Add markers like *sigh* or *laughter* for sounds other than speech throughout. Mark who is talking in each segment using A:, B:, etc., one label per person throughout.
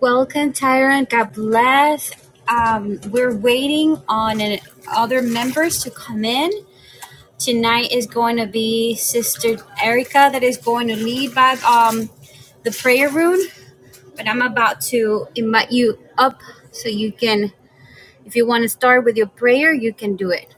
A: Welcome, Tyrone. God bless. Um, we're waiting on an, other members to come in. Tonight is going to be Sister Erica that is going to lead by um, the prayer room. But I'm about to invite you up so you can, if you want to start with your prayer, you can do it.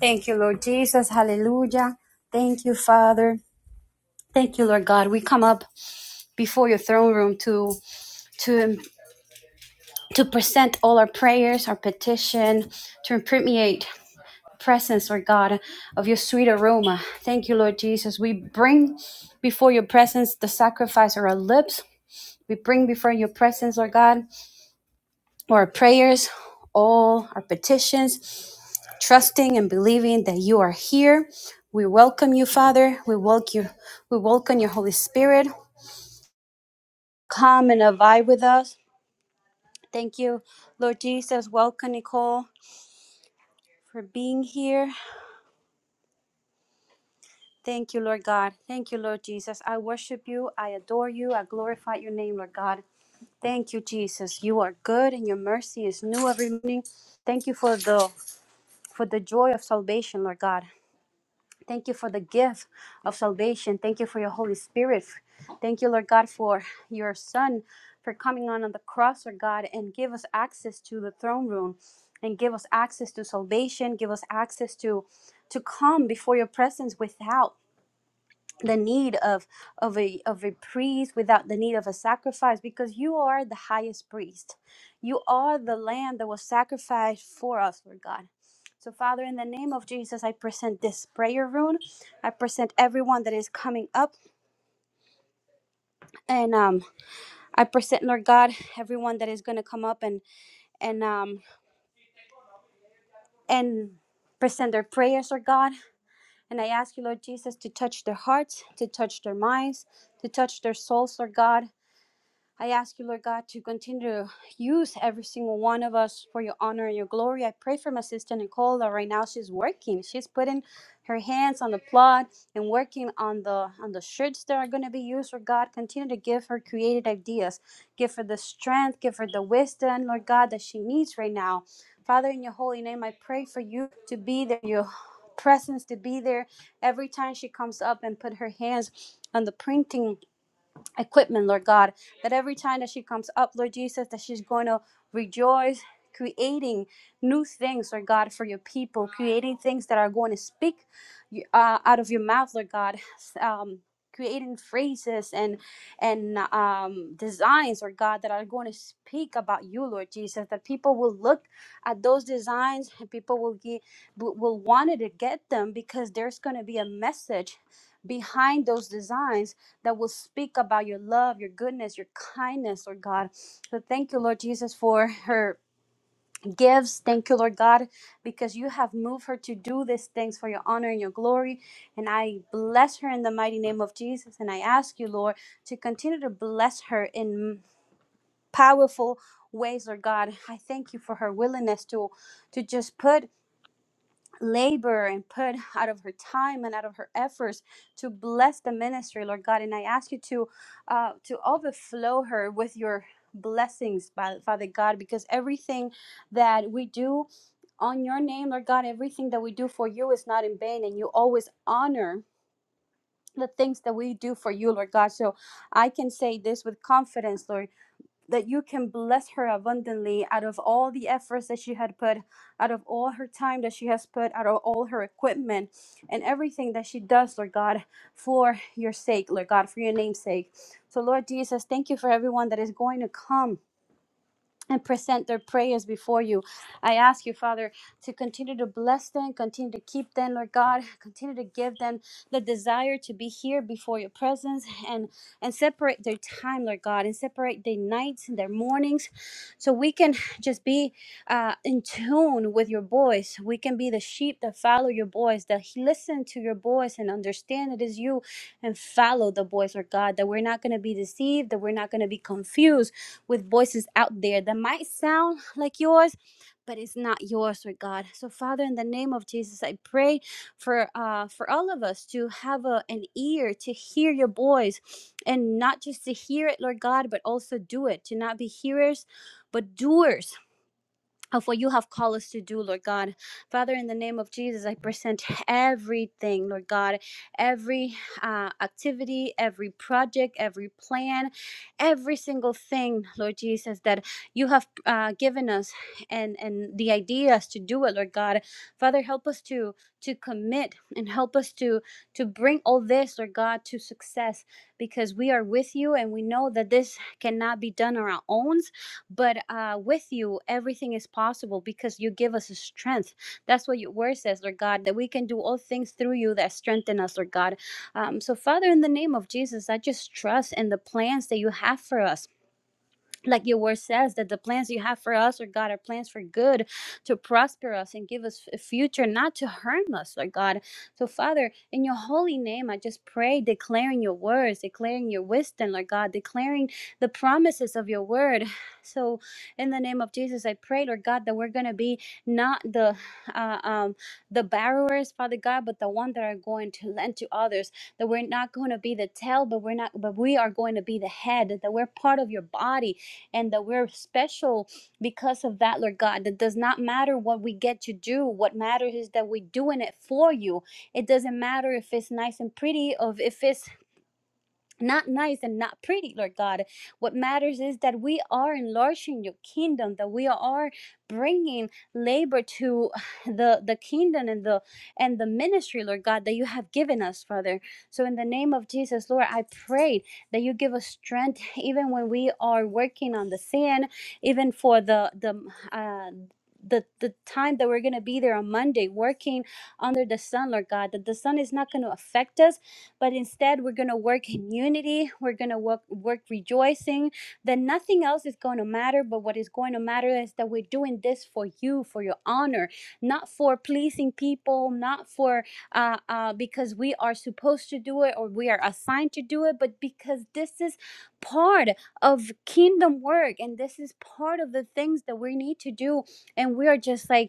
A: Thank you, Lord Jesus. Hallelujah. Thank you, Father. Thank you, Lord God. We come up before your throne room to to to present all our prayers, our petition, to permeate presence, Lord God, of your sweet aroma. Thank you, Lord Jesus. We bring before your presence the sacrifice of our lips. We bring before your presence, Lord God, our prayers, all our petitions, trusting and believing that you are here. We welcome you, Father. We welcome you. We welcome your Holy Spirit. Come and abide with us. Thank you, Lord Jesus. Welcome, Nicole, for being here. Thank you, Lord God. Thank you, Lord Jesus. I worship you. I adore you. I glorify your name, Lord God. Thank you, Jesus. You are good and your mercy is new every morning. Thank you for the for the joy of salvation, Lord God. Thank you for the gift of salvation. Thank you for your Holy Spirit. Thank you, Lord God, for your Son for coming on, on the cross, Lord God, and give us access to the throne room and give us access to salvation, give us access to to come before your presence without the need of of a of a priest without the need of a sacrifice because you are the highest priest you are the lamb that was sacrificed for us lord god so father in the name of jesus i present this prayer room i present everyone that is coming up and um i present lord god everyone that is going to come up and and um and present their prayers lord god and i ask you lord jesus to touch their hearts to touch their minds to touch their souls lord god I ask you, Lord God, to continue to use every single one of us for your honor and your glory. I pray for my sister Nicole that right now she's working. She's putting her hands on the plot and working on the on the shirts that are going to be used. Lord God, continue to give her creative ideas. Give her the strength. Give her the wisdom, Lord God, that she needs right now. Father, in your holy name, I pray for you to be there. Your presence to be there every time she comes up and put her hands on the printing equipment, Lord God, that every time that she comes up, Lord Jesus, that she's going to rejoice, creating new things, Lord God, for your people, creating things that are going to speak uh, out of your mouth, Lord God. Um, creating phrases and and um, designs Lord god that are going to speak about you lord jesus that people will look at those designs and people will get will will wanted to get them because there's going to be a message behind those designs that will speak about your love, your goodness, your kindness, Lord God. So thank you, Lord Jesus, for her gifts. Thank you, Lord God, because you have moved her to do these things for your honor and your glory. And I bless her in the mighty name of Jesus. And I ask you, Lord, to continue to bless her in powerful ways, Lord God. I thank you for her willingness to to just put labor and put out of her time and out of her efforts to bless the ministry, Lord God. And I ask you to uh, to overflow her with your blessings, Fa- Father God, because everything that we do on your name, Lord God, everything that we do for you is not in vain, and you always honor the things that we do for you, Lord God. So I can say this with confidence, Lord that you can bless her abundantly out of all the efforts that she had put, out of all her time that she has put, out of all her equipment and everything that she does, Lord God, for your sake, Lord God, for your name's sake. So, Lord Jesus, thank you for everyone that is going to come and present their prayers before you. I ask you, Father, to continue to bless them, continue to keep them, Lord God, *laughs* continue to give them the desire to be here before your presence and and separate their time, Lord God, and separate their nights and their mornings so we can just be uh, in tune with your voice. We can be the sheep that follow your voice, that listen to your voice and understand it is you and follow the voice, Lord God, that we're not going to be deceived, that we're not going to be confused with voices out there that might sound like yours, but it's not yours, Lord God. So, Father, in the name of Jesus, I pray for uh, for all of us to have a, an ear to hear your voice, and not just to hear it, Lord God, but also do it. To not be hearers, but doers of what you have called us to do, Lord God. Father, in the name of Jesus, I present everything, Lord God, every uh, activity, every project, every plan, every single thing, Lord Jesus, that you have uh, given us and and the ideas to do it, Lord God. Father, help us to to commit and help us to to bring all this, Lord God, to success because we are with you and we know that this cannot be done on our own but uh, with you everything is possible because you give us strength that's what your word says lord god that we can do all things through you that strengthen us lord god um, so father in the name of jesus i just trust in the plans that you have for us like your word says that the plans you have for us Lord god are plans for good to prosper us and give us a future not to harm us Lord god so father in your holy name i just pray declaring your words declaring your wisdom Lord god declaring the promises of your word *sighs* so in the name of jesus i pray lord god that we're going to be not the uh, um the borrowers father god but the one that are going to lend to others that we're not going to be the tail but we're not but we are going to be the head that we're part of your body and that we're special because of that, Lord God. That does not matter what we get to do. What matters is that we're doing it for you. It doesn't matter if it's nice and pretty, or if it's not nice and not pretty, Lord God. What matters is that we are enlarging your kingdom, that we are bringing labor to *sighs* the the kingdom and the and the ministry, Lord God, that you have given us, Father. So in the name of Jesus, Lord, I pray that you give us strength *laughs* even when we are working on the sand, even for the the uh the, the time that we're going to be there on Monday working under the sun, Lord God, that the sun is not going to affect us but instead we're going to work in unity. We're going to work, work rejoicing. That nothing else is going to matter, but what is going to matter is that we're doing this for you, for your honor, not for pleasing people, not for uh, uh, because we are supposed to do it or we are assigned to do it, but because this is part of kingdom work and this is part of the things that we need to do. And we are just like,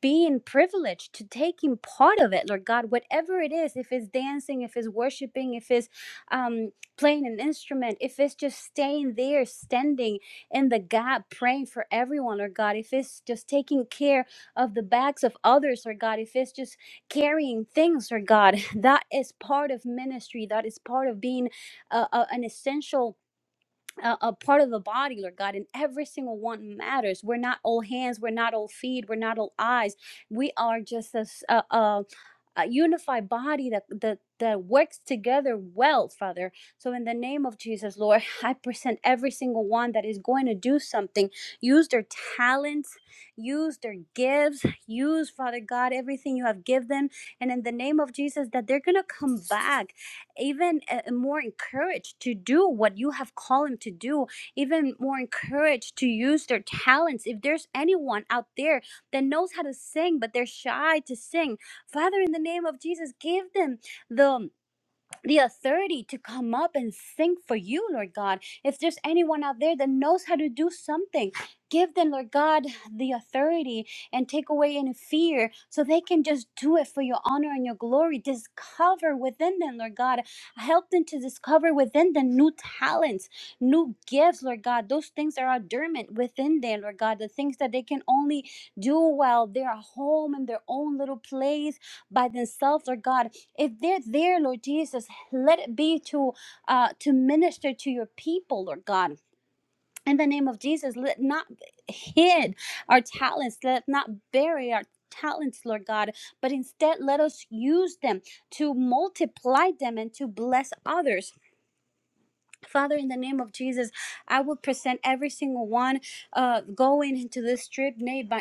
A: being privileged to taking part of it, Lord God, whatever it is, if it's dancing, if it's worshiping, if it's um, playing an instrument, if it's just staying there, standing in the gap, praying for everyone, Lord God, if it's just taking care of the backs of others, Lord God, if it's just carrying things, Lord God, *laughs* that is part of ministry. That is part of being a, a- an essential a, a part of the body, Lord God, and every single one matters. We're not all hands, we're not all feet, we're not all eyes. We are just a, a, a a unified body that, that that works together well, Father. So in the name of Jesus, Lord, *laughs* I present every single one that is going to do something. Use their talents, use their gifts, use Father God everything you have given them, and in the name of Jesus, that they're gonna come back even uh, more encouraged to do what you have called them to do, even more encouraged to use their talents. If there's anyone out there that knows how to sing but they're shy to sing, Father, in the name of Jesus, give them the the authority to come up and sing for you, Lord God. If there's anyone out there that knows how to do something, give them, Lord God, the authority and take away any fear so they can just do it for your honor and your glory. Discover within them, Lord God. Help them to discover within them new talents, new gifts, Lord God. Those things that are dormant within them, Lord God. The things that they can only do while they're at home in their own little place by themselves, Lord God if they're there, Lord Jesus, let it be to uh, to minister to your people, Lord God. In the name of Jesus, let not hid our talents, let not bury our talents, Lord God, but instead let us use them to multiply them and to bless others. Father, in the name of Jesus, I will present every single one uh, going into this trip, Nate, by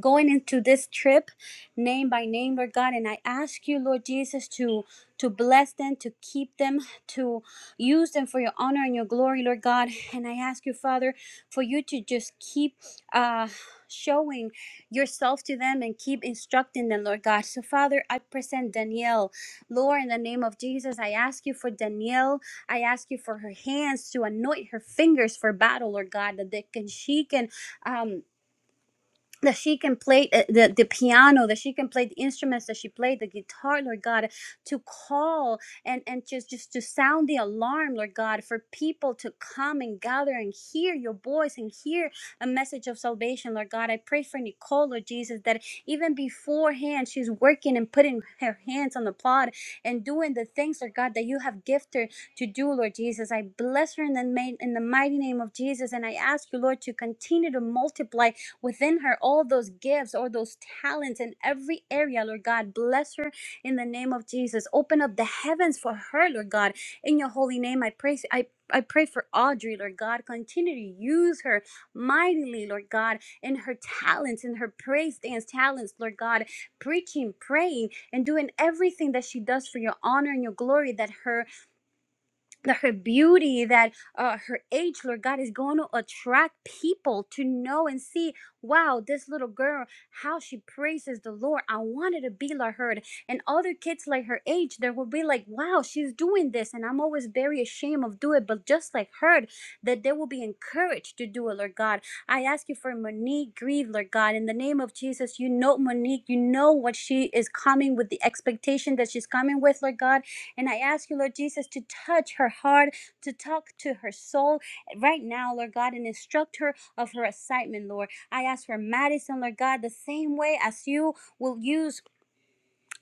A: going into this trip name by name, Lord God. And I ask you, Lord Jesus, to to bless them, to keep them, to use them for your honor and your glory, Lord God. And I ask you, Father, for you to just keep uh showing yourself to them and keep instructing them, Lord God. So Father, I present Danielle. Lord, in the name of Jesus, I ask you for Danielle. I ask you for her hands to anoint her fingers for battle, Lord God, that they can she can um that she can play uh, the, the piano that she can play the instruments that she played the guitar lord god to call and and just just to sound the alarm lord god for people to come and gather and hear your voice and hear a message of salvation lord god i pray for nicole lord jesus that even beforehand she's working and putting her hands on the plot and doing the things lord god that you have gifted her to do lord jesus i bless her in the, ma- in the mighty name of jesus and i ask you lord to continue to multiply within her all those gifts or those talents in every area, Lord God. Bless her in the name of Jesus. Open up the heavens for her, Lord God. In your holy name, I pray. I I pray for Audrey, Lord God. Continue to use her mightily, Lord God, in her talents, in her praise dance talents, Lord God, preaching, praying, and doing everything that she does for your honor and your glory, that her the, her beauty, that uh, her age, Lord God, is going to attract people to know and see, wow, this little girl, how she praises the Lord. I wanted to be like her. And other kids like her age, there will be like, wow, she's doing this. And I'm always very ashamed of doing it, but just like her, that they will be encouraged to do it, Lord God. I ask you for Monique Grieve, Lord God. In the name of Jesus, you know Monique, you know what she is coming with, the expectation that she's coming with, Lord God. And I ask you, Lord Jesus, to touch her heart, to talk to her soul right now, Lord God, and instruct her of her assignment, Lord. I ask for Madison, Lord God, the same way as you will use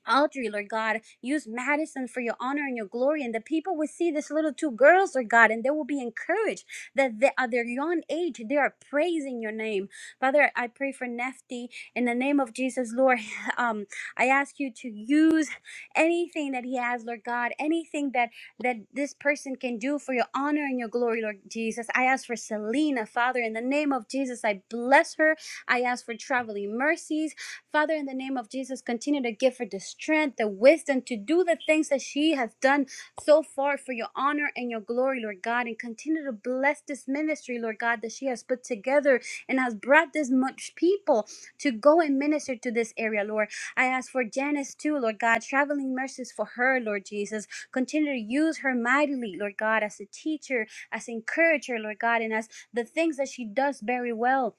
A: Audrey, Lord God. Use Madison for your honor and your glory. And the people will see this little two girls, Lord God, and they will be encouraged that they, at their young age, they are praising your name. Father, I pray for Nefti in the name of Jesus, Lord. *laughs* Um, I ask you to use anything that he has, Lord God, anything that that this person can do for your honor and your glory, Lord Jesus. I ask for Selena, Father, in the name of Jesus, I bless her. I ask for traveling mercies. Father, in the name of Jesus, continue to give her the strength, the wisdom to do the things that she has done so far for your honor and your glory, Lord God. And continue to bless this ministry, Lord God, that she has put together and has brought this much people to go and minister to this area, Lord. I ask for Janice too, Lord God, traveling mercies for her, Lord Jesus. Continue to use her mightily, Lord God, as a teacher, as an encourager, Lord God, and as the things that she does very well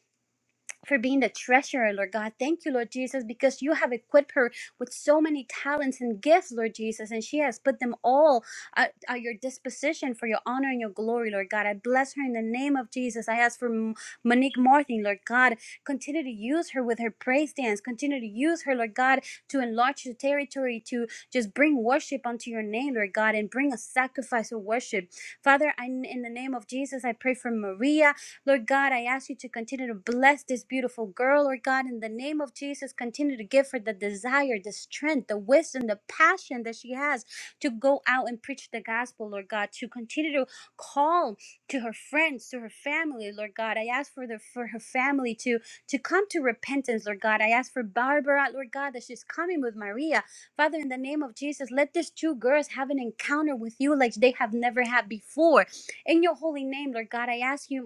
A: for being the treasurer, Lord God. Thank you, Lord Jesus, because you have equipped her with so many talents and gifts, Lord Jesus, and she has put them all at, at your disposition for your honor and your glory, Lord God. I bless her in the name of Jesus. I ask for M- Monique Martin, Lord God. Continue to use her with her praise dance. Continue to use her, Lord God, to enlarge the territory, to just bring worship unto your name, Lord God, and bring a sacrifice of worship. Father, I, in the name of Jesus, I pray for Maria. Lord God, I ask you to continue to bless this beautiful girl, Lord God, in the name of Jesus. Continue to give her the desire, the strength, the wisdom, the passion that she has to go out and preach the gospel, Lord God, to continue to call to her friends, to her family, Lord God. I ask for the for her family to to come to repentance, Lord God. I ask for Barbara, Lord God, that she's coming with Maria. Father, in the name of Jesus, let these two girls have an encounter with you like they have never had before. In your holy name, Lord God, I ask you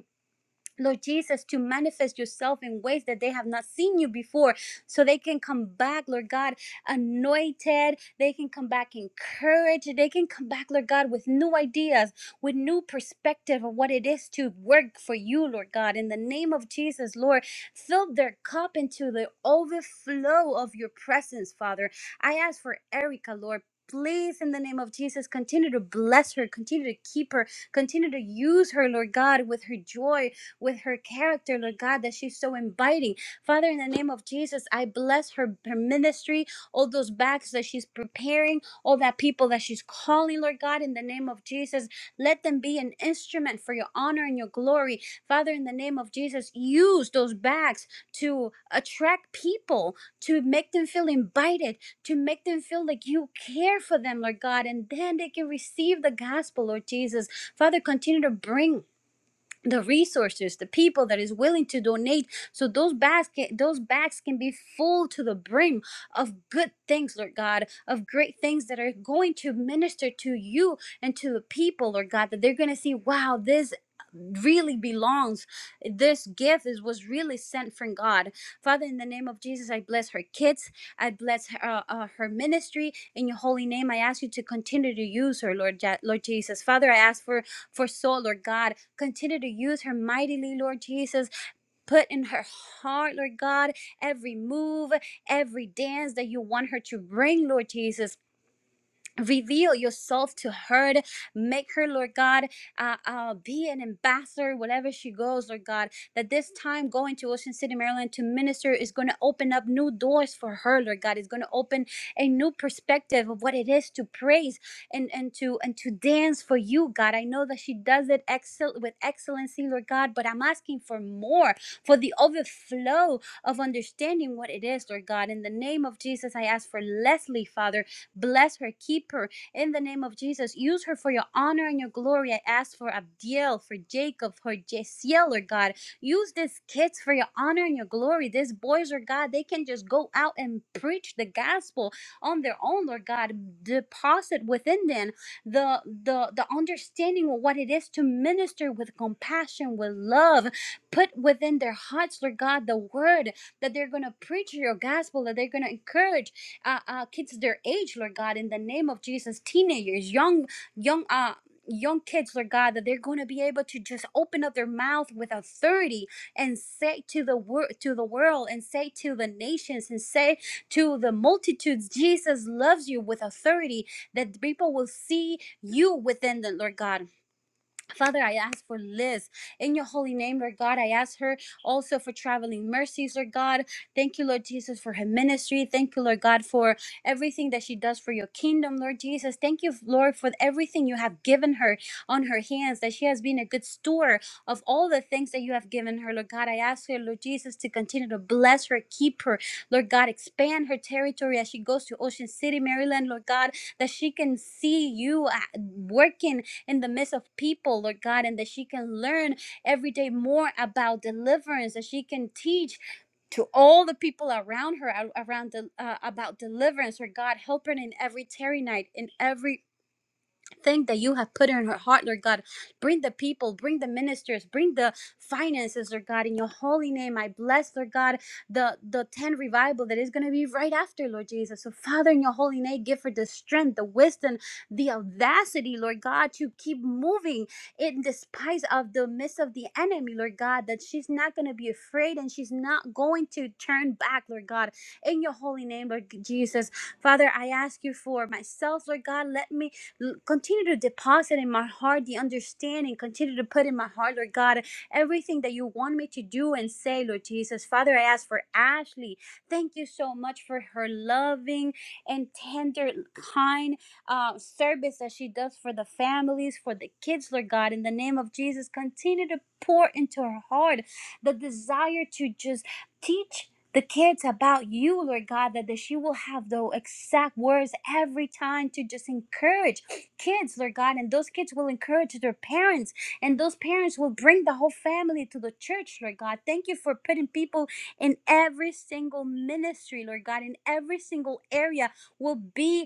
A: Lord Jesus, to manifest yourself in ways that they have not seen you before, so they can come back, Lord God, anointed. They can come back encouraged. They can come back, Lord God, with new ideas, with new perspective of what it is to work for you, Lord God. In the name of Jesus, Lord, fill their cup into the overflow of your presence, Father. I ask for Erica, Lord. Please, in the name of Jesus, continue to bless her, continue to keep her, continue to use her, Lord God, with her joy, with her character, Lord God, that she's so inviting. Father, in the name of Jesus, I bless her, her ministry, all those bags that she's preparing, all that people that she's calling, Lord God, in the name of Jesus. Let them be an instrument for your honor and your glory. Father, in the name of Jesus, use those bags to attract people, to make them feel invited, to make them feel like you care for them, Lord God, and then they can receive the gospel, Lord Jesus. Father, continue to bring the resources the people that is willing to donate so those bags can, those bags can be full to the brim of good things lord god of great things that are going to minister to you and to the people lord god that they're going to see wow this really belongs this gift is was really sent from god father in the name of jesus i bless her kids i bless her, uh, uh, her ministry in your holy name i ask you to continue to use her lord Ja- lord jesus father i ask for for soul lord god Continue to use her mightily, Lord Jesus. Put in her heart, Lord God, every move, every dance that you want her to bring, Lord Jesus reveal yourself to her make her lord god uh, uh, be an ambassador wherever she goes lord god that this time going to ocean city maryland to minister is going to open up new doors for her lord god it's going to open a new perspective of what it is to praise and and to and to dance for you god i know that she does it excel with excellency lord god but i'm asking for more for the overflow of understanding what it is lord god in the name of jesus i ask for leslie father Bless her, keep her in the name of Jesus. Use her for your honor and your glory. I ask for Abdiel, for Jacob, for Jasiel, Lord God. Use these kids for your honor and your glory. These boys, Lord God, they can just go out and preach the gospel on their own, Lord God. Deposit within them the the the understanding of what it is to minister with compassion, with love. Put within their hearts, Lord God, the word that they're going to preach your gospel, that they're going to encourage uh, uh, kids their age, Lord God, in the name of Jesus, teenagers, young, young, uh, young kids lord god that they're going to be able to just open up their mouth with authority and say to the world to the world and say to the nations and say to the multitudes jesus loves you with authority that people will see you within them lord god Father, I ask for Liz in your holy name, Lord God. I ask her also for traveling mercies, Lord God. Thank you, Lord Jesus, for her ministry. Thank you, Lord God, for everything that she does for your kingdom, Lord Jesus. Thank you, Lord, for everything you have given her on her hands, that she has been a good steward of all the things that you have given her, Lord God. I ask her, Lord Jesus, to continue to bless her, keep her, Lord God, expand her territory as she goes to Ocean City, Maryland, Lord God, that she can see you uh, working in the midst of people, Lord God, and that she can learn every day more about deliverance, that she can teach to all the people around her around the uh, about deliverance or god help her in every terry night in every thing that you have put in her heart, Lord God. Bring the people, bring the ministers, bring the finances, Lord God. In your holy name, I bless, Lord God, the, the 10 revival that is going to be right after, Lord Jesus. So, Father, in your holy name, give her the strength, the wisdom, the audacity, Lord God, to keep moving in despite of the midst of the enemy, Lord God, that she's not going to be afraid and she's not going to turn back, Lord God. In your holy name, Lord Jesus. Father, I ask you for myself, Lord God. Let me Continue to deposit in my heart the understanding. Continue to put in my heart, Lord God, everything that you want me to do and say, Lord Jesus. Father, I ask for Ashley. Thank you so much for her loving and tender, kind uh, service that she does for the families, for the kids, Lord God. In the name of Jesus, continue to pour into her heart the desire to just teach the kids about you, Lord God, that, that she will have the exact words every time to just encourage kids, Lord God, and those kids will encourage their parents, and those parents will bring the whole family to the church, Lord God. Thank you for putting people in every single ministry, Lord God, in every single area will be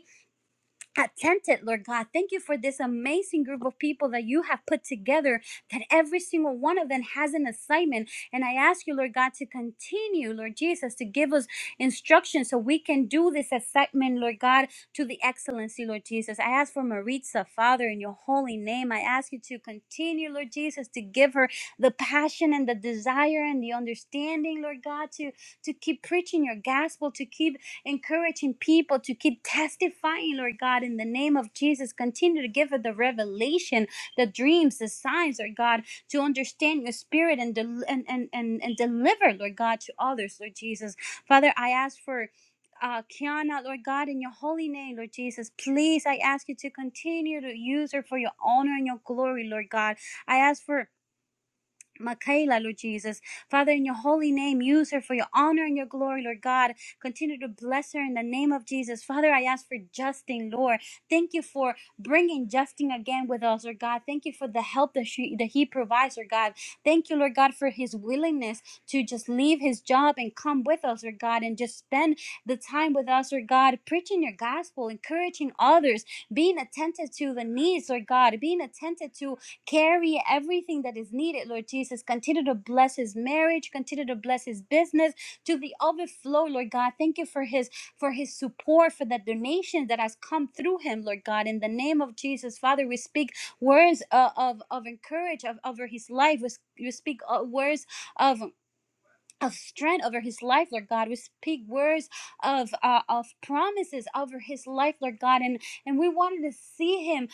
A: attentive, Lord God. Thank you for this amazing group of people that you have put together, that every single one of them has an assignment. And I ask you, Lord God, to continue, Lord Jesus, to give us instructions so we can do this assignment, Lord God, to the excellency, Lord Jesus. I ask for Maritza, Father, in your holy name. I ask you to continue, Lord Jesus, to give her the passion and the desire and the understanding, Lord God, to, to keep preaching your gospel, to keep encouraging people to keep testifying, Lord God, in the name of Jesus. Continue to give her the revelation, the dreams, the signs, Lord God, to understand your spirit and, del- and, and, and, and deliver, Lord God, to others, Lord Jesus. Father, I ask for uh, Kiana, Lord God, in your holy name, Lord Jesus, please, I ask you to continue to use her for your honor and your glory, Lord God. I ask for Michaela, Lord Jesus. Father, in your holy name, use her for your honor and your glory, Lord God. Continue to bless her in the name of Jesus. Father, I ask for Justin, Lord. Thank you for bringing Justin again with us, Lord God. Thank you for the help that, she, that he provides, Lord God. Thank you, Lord God, for his willingness to just leave his job and come with us, Lord God, and just spend the time with us, Lord God, preaching your gospel, encouraging others, being attentive to the needs, Lord God, being attentive to carry everything that is needed, Lord Jesus. Continue to bless his marriage, continue to bless his business to the overflow, Lord God. Thank you for his for his support, for the donation that has come through him, Lord God. In the name of Jesus, Father, we speak words uh, of of encouragement over his life. We, we speak uh, words of of strength over his life, Lord God. We speak words of uh, of promises over his life, Lord God, and and we wanted to see him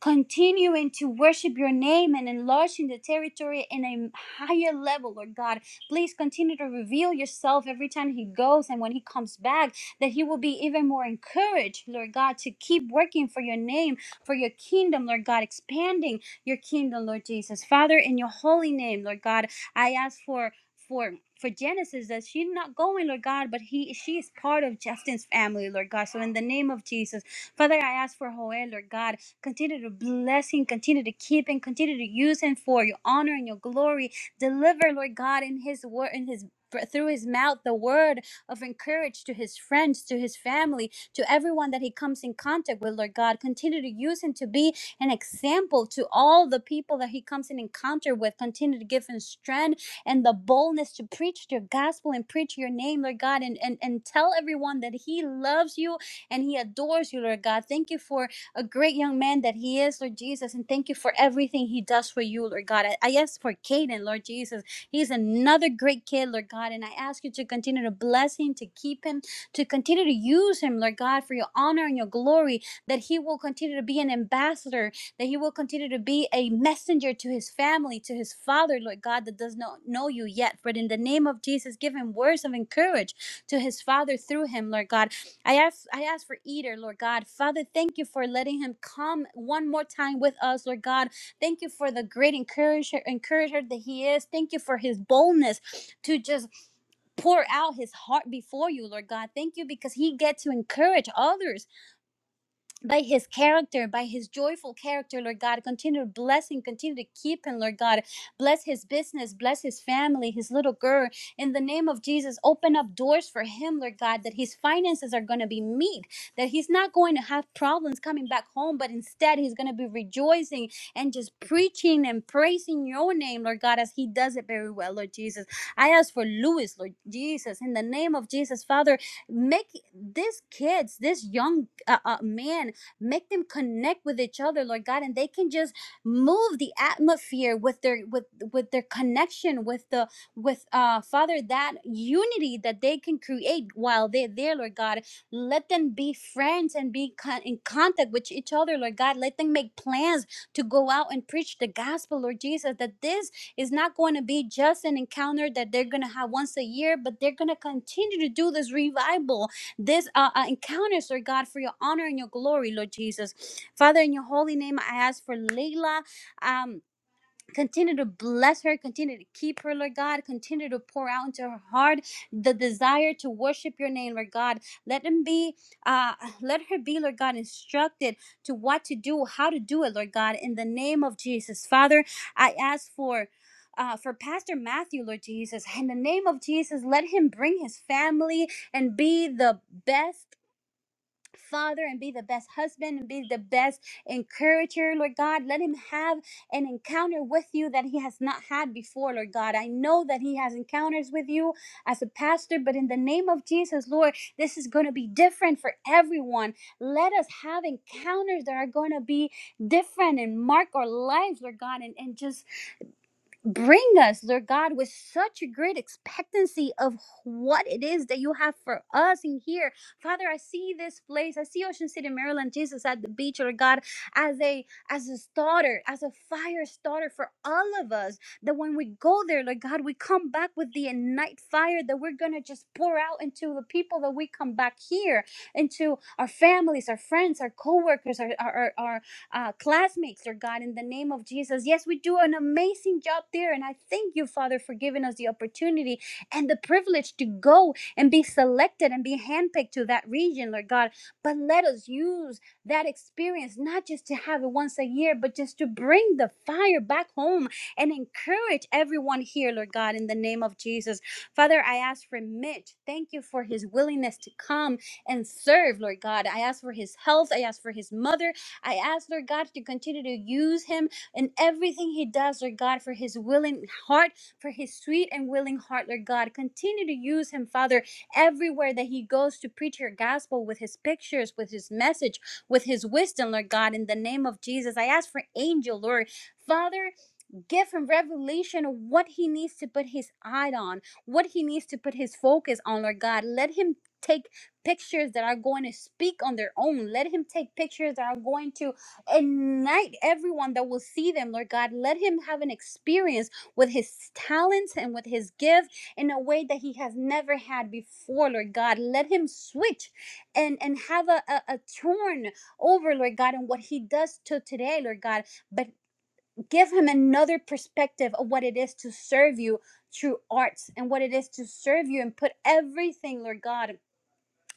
A: continuing to worship your name and enlarging the territory in a higher level, Lord God. Please continue to reveal yourself every time he goes and when he comes back, that he will be even more encouraged, Lord God, to keep working for your name, for your kingdom, Lord God, expanding your kingdom, Lord Jesus. Father, in your holy name, Lord God, I ask for for for Genesis that she's not going, Lord God, but he she is part of Justin's family, Lord God. So in the name of Jesus, Father, I ask for Joel, Lord God. Continue to bless him, continue to keep him, continue to use him for your honor and your glory. Deliver, Lord God, in his word, in his through his mouth, the word of encouragement to his friends, to his family, to everyone that he comes in contact with, Lord God. Continue to use him to be an example to all the people that he comes in encounter with. Continue to give him strength and the boldness to preach your gospel and preach your name, Lord God, and, and, and tell everyone that he loves you and he adores you, Lord God. Thank you for a great young man that he is, Lord Jesus. And thank you for everything he does for you, Lord God. I, I ask for Caden, Lord Jesus. He's another great kid, Lord God. And I ask you to continue to bless him, to keep him, to continue to use him, Lord God, for your honor and your glory, that he will continue to be an ambassador, that he will continue to be a messenger to his family, to his father, Lord God, that does not know you yet. But in the name of Jesus, give him words of encouragement to his father through him, Lord God. I ask, I ask for Eater, Lord God. Father, thank you for letting him come one more time with us, Lord God. Thank you for the great encourager, encourager that he is. Thank you for his boldness to just pour out his heart before you, Lord God. Thank you because he gets to encourage others by his character, by his joyful character, Lord God. Continue to bless him, continue to keep him, Lord God. Bless his business, bless his family, his little girl. In the name of Jesus, open up doors for him, Lord God, that his finances are going to be meet, that he's not going to have problems coming back home, but instead he's going to be rejoicing and just preaching and praising your name, Lord God, as he does it very well, Lord Jesus. I ask for Louis, Lord Jesus, in the name of Jesus, Father, make this kids, this young uh, uh, man, Make them connect with each other, Lord God, and they can just move the atmosphere with their with with their connection with the with uh Father that unity that they can create while they're there, Lord God. Let them be friends and be con- in contact with each other, Lord God. Let them make plans to go out and preach the gospel, Lord Jesus. That this is not going to be just an encounter that they're going to have once a year, but they're going to continue to do this revival this uh, uh, encounters, Lord God, for your honor and your glory, Lord Jesus. Father, in your holy name, I ask for Layla. Um, Continue to bless her. Continue to keep her, Lord God. Continue to pour out into her heart the desire to worship your name, Lord God. Let them be, uh, let her be, Lord God, instructed to what to do, how to do it, Lord God. In the name of Jesus, Father, I ask for. Uh, for Pastor Matthew, Lord Jesus, in the name of Jesus, let him bring his family and be the best father and be the best husband and be the best encourager, Lord God. Let him have an encounter with you that he has not had before, Lord God. I know that he has encounters with you as a pastor, but in the name of Jesus, Lord, this is going to be different for everyone. Let us have encounters that are going to be different and mark our lives, Lord God, and, and just Bring us, Lord God, with such a great expectancy of what it is that you have for us in here. Father, I see this place. I see Ocean City, Maryland, Jesus at the beach, Lord God, as a as a starter, as a fire starter for all of us. That when we go there, Lord God, we come back with the ignite fire that we're gonna just pour out into the people that we come back here, into our families, our friends, our co-workers, our our our. our uh, classmates, Lord God, in the name of Jesus. Yes, we do an amazing job there. And I thank you, Father, for giving us the opportunity and the privilege to go and be selected and be handpicked to that region, Lord God. But let us use that experience, not just to have it once a year, but just to bring the fire back home and encourage everyone here, Lord God, in the name of Jesus. Father, I ask for Mitch. Thank you for his willingness to come and serve, Lord God. I ask for his health. I ask for his mother. I ask, Lord God, to continue to use him in everything he does, Lord God, for his willing heart, for his sweet and willing heart, Lord God. Continue to use him, Father, everywhere that he goes to preach your gospel with his pictures, with his message, with his wisdom, Lord God, in the name of Jesus. I ask for angel, Lord. Father, give him revelation of what he needs to put his eye on, what he needs to put his focus on, Lord God. Let him take pictures that are going to speak on their own. Let him take pictures that are going to ignite everyone that will see them, Lord God. Let him have an experience with his talents and with his gift in a way that he has never had before, Lord God. Let him switch and, and have a, a, a turn over, Lord God, and what he does to today, Lord God. But give him another perspective of what it is to serve you through arts and what it is to serve you and put everything, Lord God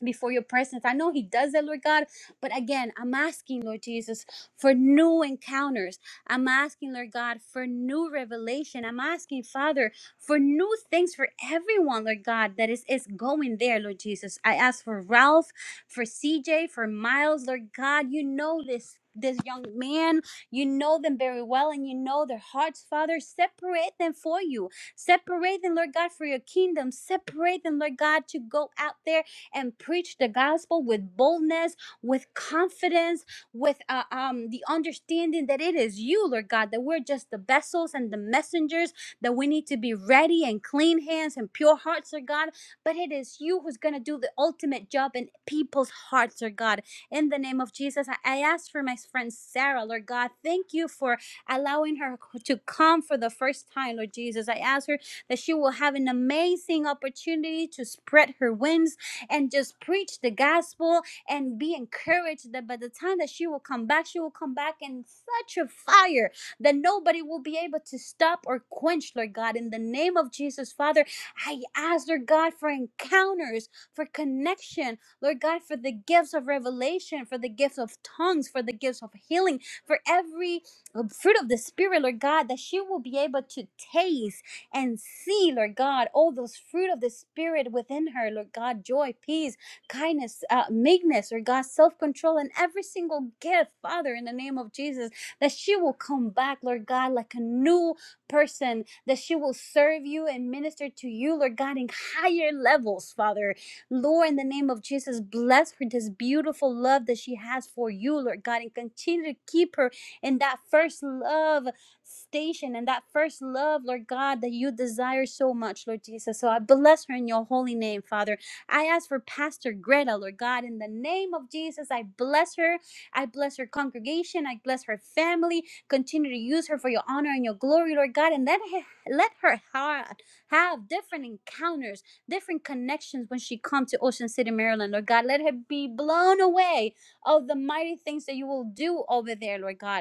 A: before your presence. I know He does that, Lord God, but again, I'm asking, Lord Jesus, for new encounters. I'm asking, Lord God, for new revelation. I'm asking, Father, for new things for everyone, Lord God, that is, is going there, Lord Jesus. I ask for Ralph, for CJ, for Miles, Lord God, you know this. This young man, you know them very well and you know their hearts, Father. Separate them for you. Separate them, Lord God, for your kingdom. Separate them, Lord God, to go out there and preach the gospel with boldness, with confidence, with uh, um, the understanding that it is you, Lord God, that we're just the vessels and the messengers, that we need to be ready and clean hands and pure hearts, Lord God. But it is you who's going to do the ultimate job in people's hearts, Lord God. In the name of Jesus, I, I ask for my friend Sarah, Lord God. Thank you for allowing her to come for the first time, Lord Jesus. I ask her that she will have an amazing opportunity to spread her wings and just preach the gospel and be encouraged that by the time that she will come back, she will come back in such a fire that nobody will be able to stop or quench, Lord God. In the name of Jesus, Father, I ask, Lord God, for encounters, for connection, Lord God, for the gifts of revelation, for the gifts of tongues, for the gifts of healing, for every uh, fruit of the Spirit, Lord God, that she will be able to taste and see, Lord God, all those fruit of the Spirit within her, Lord God, joy, peace, kindness, uh, meekness, Lord God, self control, and every single gift, Father, in the name of Jesus, that she will come back, Lord God, like a new person, that she will serve you and minister to you, Lord God, in higher levels, Father. Lord, in the name of Jesus, bless her this beautiful love that she has for you, Lord God, and continue to keep her in that first love station and that first love, Lord God, that you desire so much, Lord Jesus. So I bless her in your holy name, Father. I ask for Pastor Greta, Lord God, in the name of Jesus. I bless her. I bless her congregation. I bless her family. Continue to use her for your honor and your glory, Lord God, and let her, let her heart have different encounters, different connections when she comes to Ocean City, Maryland, Lord God. Let her be blown away of the mighty things that you will do over there, Lord God.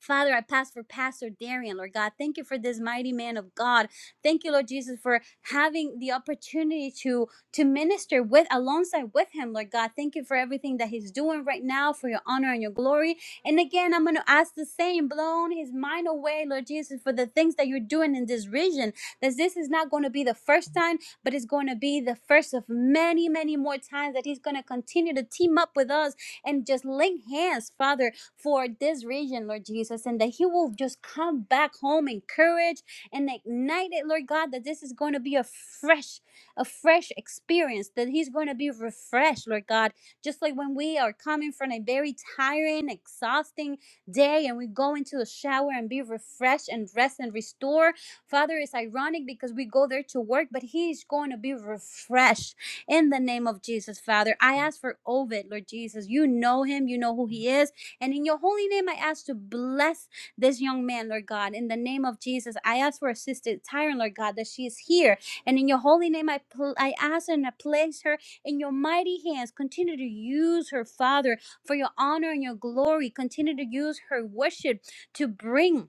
A: Father, I pass for Pastor Darian, Lord God. Thank you for this mighty man of God. Thank you, Lord Jesus, for having the opportunity to to minister with alongside with him, Lord God. Thank you for everything that he's doing right now, for your honor and your glory. And again, I'm gonna ask the same, blown his mind away, Lord Jesus, for the things that you're doing in this region. That this is not going to be the first time, but it's going to be the first of many, many more times that he's going to continue to team up with us and just link hands, Father, for this region, Lord Jesus, and that He will just come back home encouraged and ignited, Lord God, that this is going to be a fresh, a fresh experience, that He's going to be refreshed, Lord God. Just like when we are coming from a very tiring, exhausting day and we go into the shower and be refreshed and rest and restore. Father, it's ironic because we go there to work, but He's going to be refreshed in the name of Jesus, Father. I ask for Ovid, Lord Jesus. You know him, you know who he is. And in your holy name, I ask to bless this young man, Lord God. In the name of Jesus, I ask for Sister Tyron, Lord God, that she is here. And in your holy name, I, pl- I ask and I place her in your mighty hands. Continue to use her, Father, for your honor and your glory. Continue to use her worship to bring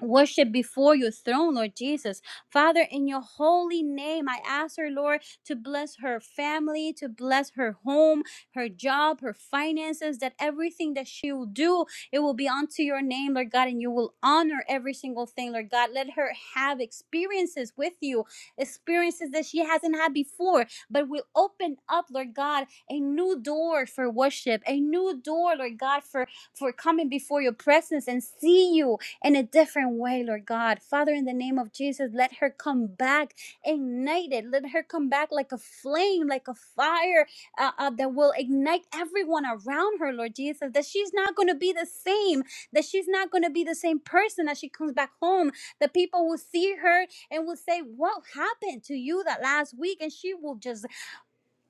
A: worship before your throne, Lord Jesus. Father, in your holy name, I ask her, Lord, to bless her family, to bless her home, her job, her finances, that everything that she will do, it will be unto your name, Lord God, and you will honor every single thing, Lord God. Let her have experiences with you, experiences that she hasn't had before, but will open up, Lord God, a new door for worship, a new door, Lord God, for, for coming before your presence and see you in a different way, Lord God. Father, in the name of Jesus, let her come back ignited. Let her come back like a flame, like a fire uh, uh, that will ignite everyone around her, Lord Jesus. That she's not going to be the same, that she's not going to be the same person as she comes back home. The people will see her and will say, What happened to you that last week? And she will just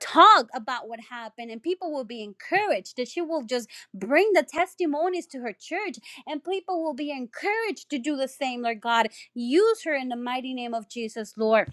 A: talk about what happened and people will be encouraged that she will just bring the testimonies to her church and people will be encouraged to do the same lord god use her in the mighty name of jesus lord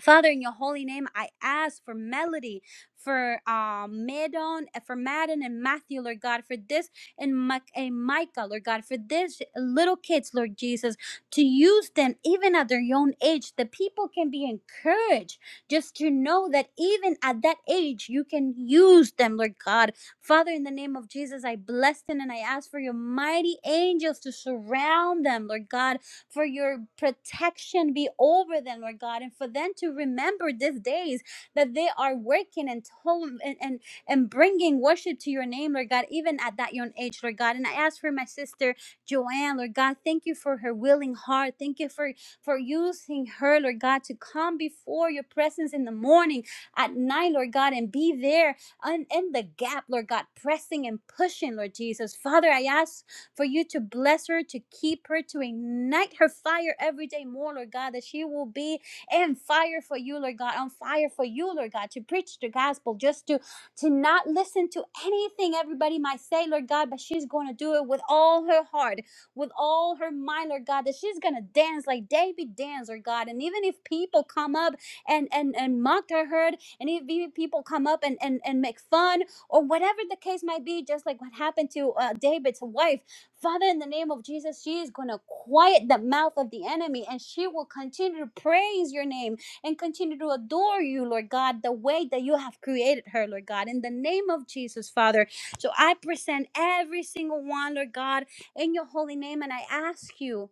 A: Father, in your holy name, I ask for Melody, for um, Madon, for Madden and Matthew, Lord God, for this and, Ma- and Micah, Lord God, for this little kids, Lord Jesus, to use them even at their young age, that people can be encouraged just to know that even at that age, you can use them, Lord God. Father, in the name of Jesus, I bless them and I ask for your mighty angels to surround them, Lord God for your protection be over them, Lord God, and for them to remember these days that they are working and home and, and and bringing worship to your name, Lord God, even at that young age, Lord God. And I ask for my sister Joanne, Lord God, thank you for her willing heart. Thank you for for using her, Lord God, to come before your presence in the morning, at night, Lord God, and be there in, in the gap, Lord God, pressing and pushing, Lord Jesus. Father, I ask for you to bless her, to keep her, to ignite her fire every day more, Lord God, that she will be in fire for you, Lord God, on fire for you, Lord God, to preach the gospel, just to to not listen to anything everybody might say, Lord God, but she's going to do it with all her heart, with all her mind, Lord God, that she's going to dance like David danced, Lord God. And even if people come up and and and mock her herd, and if even people come up and and and make fun or whatever the case might be, just like what happened to uh, David's wife, Father, in the name of Jesus, she is going to quiet the mouth of the enemy and she will continue to praise your name and continue to adore you, Lord God, the way that you have created her, Lord God, in the name of Jesus, Father. So I present every single one, Lord God, in your holy name, and I ask you.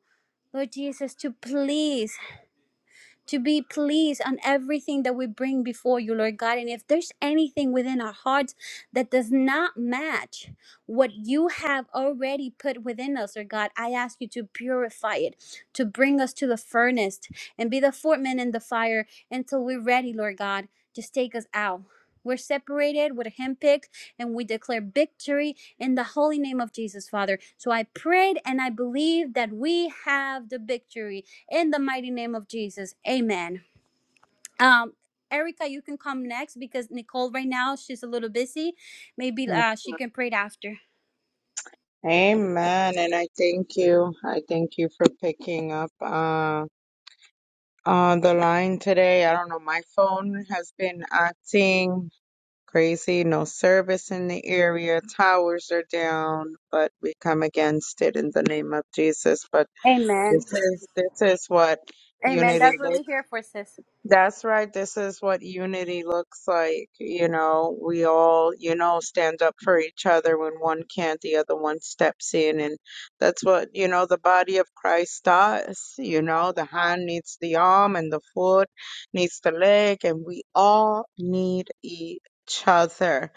A: Lord Jesus, to please to be pleased on everything that we bring before you, Lord God. And if there's anything within our hearts that does not match what you have already put within us, Lord God, I ask you to purify it, to bring us to the furnace and be the foreman in the fire until we're ready, Lord God. Just take us out. We're separated, we're handpicked, and we declare victory in the holy name of Jesus, Father. So I prayed and I believe that we have the victory in the mighty name of Jesus. Amen. Um, Erica, you can come next because Nicole right now she's a little busy. Maybe uh, she can pray it after.
B: Amen. And I thank you. I thank you for picking up uh, on the line today. I don't know. My phone has been acting crazy. No service in the area. Towers are down, but we come against it in the name of Jesus. But
A: Amen.
B: this is this is what
A: Amen. That's
B: unity.
A: what we're here for, sis.
B: That's right. This is what unity looks like. You know, we all, you know, stand up for each other when one can't, the other one steps in. And that's what, you know, the body of Christ does. You know, the hand needs the arm and the foot needs the leg, and we all need each other.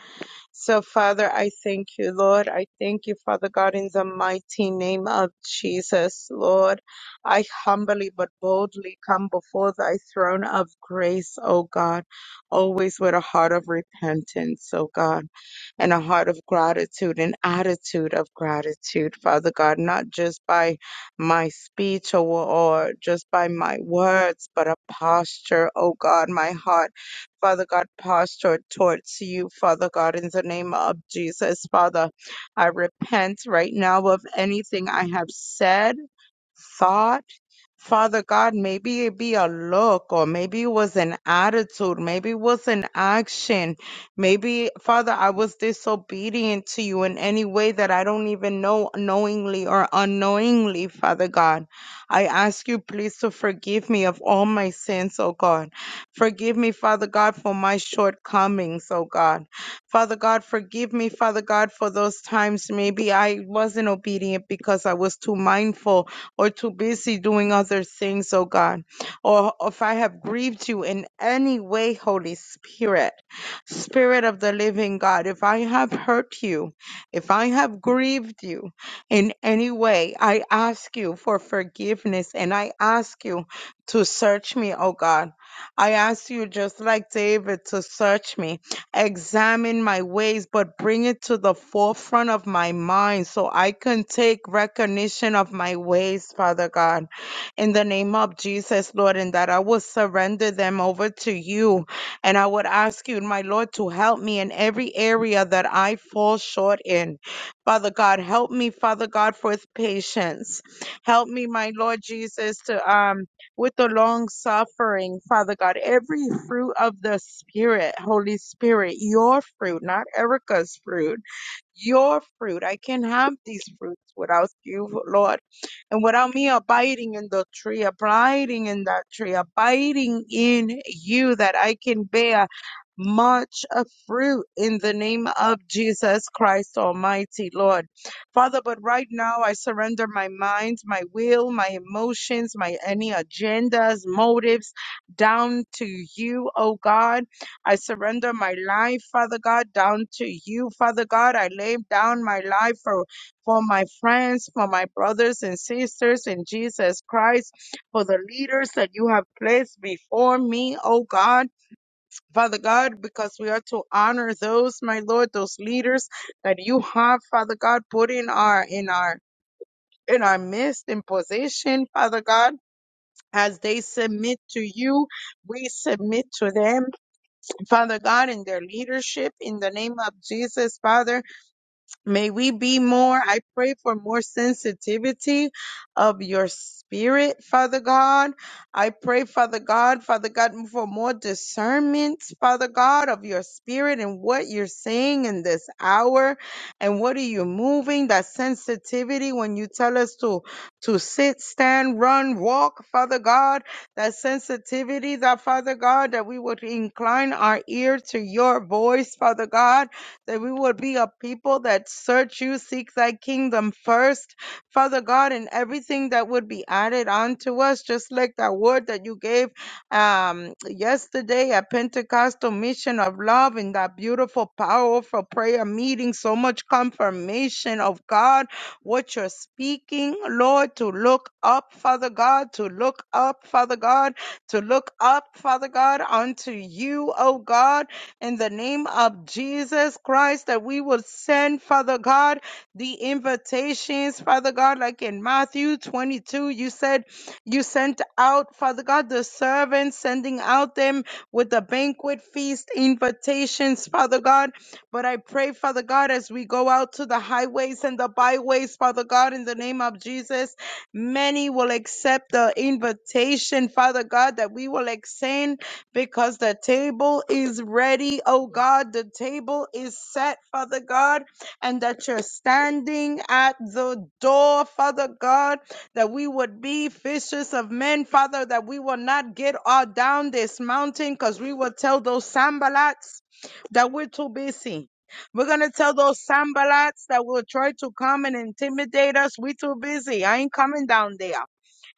B: So, Father, I thank you, Lord. I thank you, Father God, in the mighty name of Jesus, Lord. I humbly but boldly come before thy throne of grace, O God, always with a heart of repentance, O God, and a heart of gratitude, an attitude of gratitude, Father God, not just by my speech or, or just by my words, but a posture, O God, my heart Father God, posture towards you, Father God, in the name of Jesus. Father, I repent right now of anything I have said thought, Father God, maybe it be a look or maybe it was an attitude, maybe it was an action. Maybe, Father, I was disobedient to you in any way that I don't even know knowingly or unknowingly, Father God. I ask you please to forgive me of all my sins, oh God. Forgive me, Father God, for my shortcomings, oh God. Father God, forgive me, Father God, for those times maybe I wasn't obedient because I was too mindful or too busy doing other things, oh God, or if I have grieved you in any way, Holy Spirit, Spirit of the living God, if I have hurt you, if I have grieved you in any way, I ask you for forgiveness and I ask you to search me, oh God. I ask you, just like David, to search me examine my ways, but bring it to the forefront of my mind so I can take recognition of my ways, Father God, in the name of Jesus, Lord, and that I will surrender them over to you. And I would ask you, my Lord, to help me in every area that I fall short in. Father God, help me, Father God, with patience. Help me, my Lord Jesus, to um with the long suffering, Father God, every fruit of the Spirit, Holy Spirit, your fruit, not Erica's fruit, your fruit. I can't have these fruits without you, Lord. And without me abiding in the tree, abiding in that tree, abiding in you, that I can bear much of fruit in the name of Jesus Christ Almighty, Lord. Father, but right now I surrender my mind, my will, my emotions, my any agendas, motives down to you, oh God. I surrender my life, Father God, down to you, Father God. I lay down my life for for my friends, for my brothers and sisters in Jesus Christ, for the leaders that you have placed before me, oh God. Father God, because we are to honor those, my Lord, those leaders that you have, Father God, put in our in our in our midst in position, Father God. As they submit to you, we submit to them, Father God, in their leadership, in the name of Jesus, Father. May we be more, I pray for more sensitivity of your spirit, Father God. I pray, Father God, Father God, for more discernment, Father God, of your spirit and what you're saying in this hour and what are you moving, that sensitivity when you tell us to, to sit, stand, run, walk, Father God, that sensitivity that, Father God, that we would incline our ear to your voice, Father God that we would be a people that search you, seek thy kingdom first, Father God, and everything that would be added onto us, just like that word that you gave um, yesterday at Pentecostal Mission of Love in that beautiful, powerful prayer meeting. So much confirmation of God, what you're speaking, Lord, to look up, Father God, to look up, Father God, to look up, Father God, unto you, oh God in the name of Jesus Christ that we will send, Father God, the invitations, Father God, like in Matthew 22, you said you sent out, Father God, the servants, sending out them with the banquet feast invitations, Father God. But I pray, Father God, as we go out to the highways and the byways, Father God, in the name of Jesus, many will accept the invitation, Father God, that we will extend because the table is ready, oh God. The table is set, Father God, and that you're standing at the door, Father God, that we would be fishers of men, Father, that we will not get all down this mountain because we will tell those sambalats that we're too busy. We're gonna tell those sambalats that will try to come and intimidate us. We're too busy. I ain't coming down there.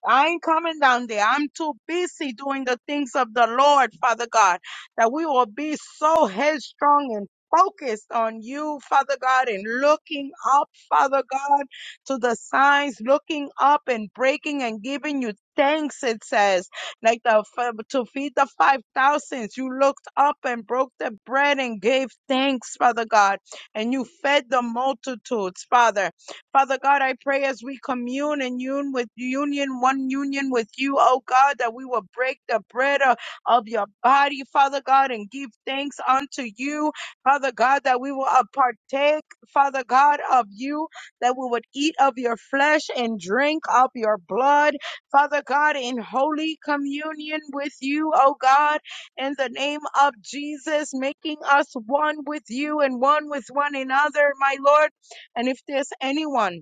B: I ain't coming down there. I'm too busy doing the things of the Lord, Father God, that we will be so headstrong and focused on you, Father God, and looking up, Father God, to the signs, looking up and breaking and giving you thanks, it says, like the to feed the five thousands. You looked up and broke the bread and gave thanks, Father God, and you fed the multitudes, Father. Father God, I pray as we commune and union with union, one union with you, oh God, that we will break the bread of, of your body, Father God, and give thanks unto you, Father God, that we will uh, partake, Father God, of you, that we would eat of your flesh and drink of your blood, Father God, in holy communion with you, oh God, in the name of Jesus, making us one with you and one with one another, my Lord. And if there's anyone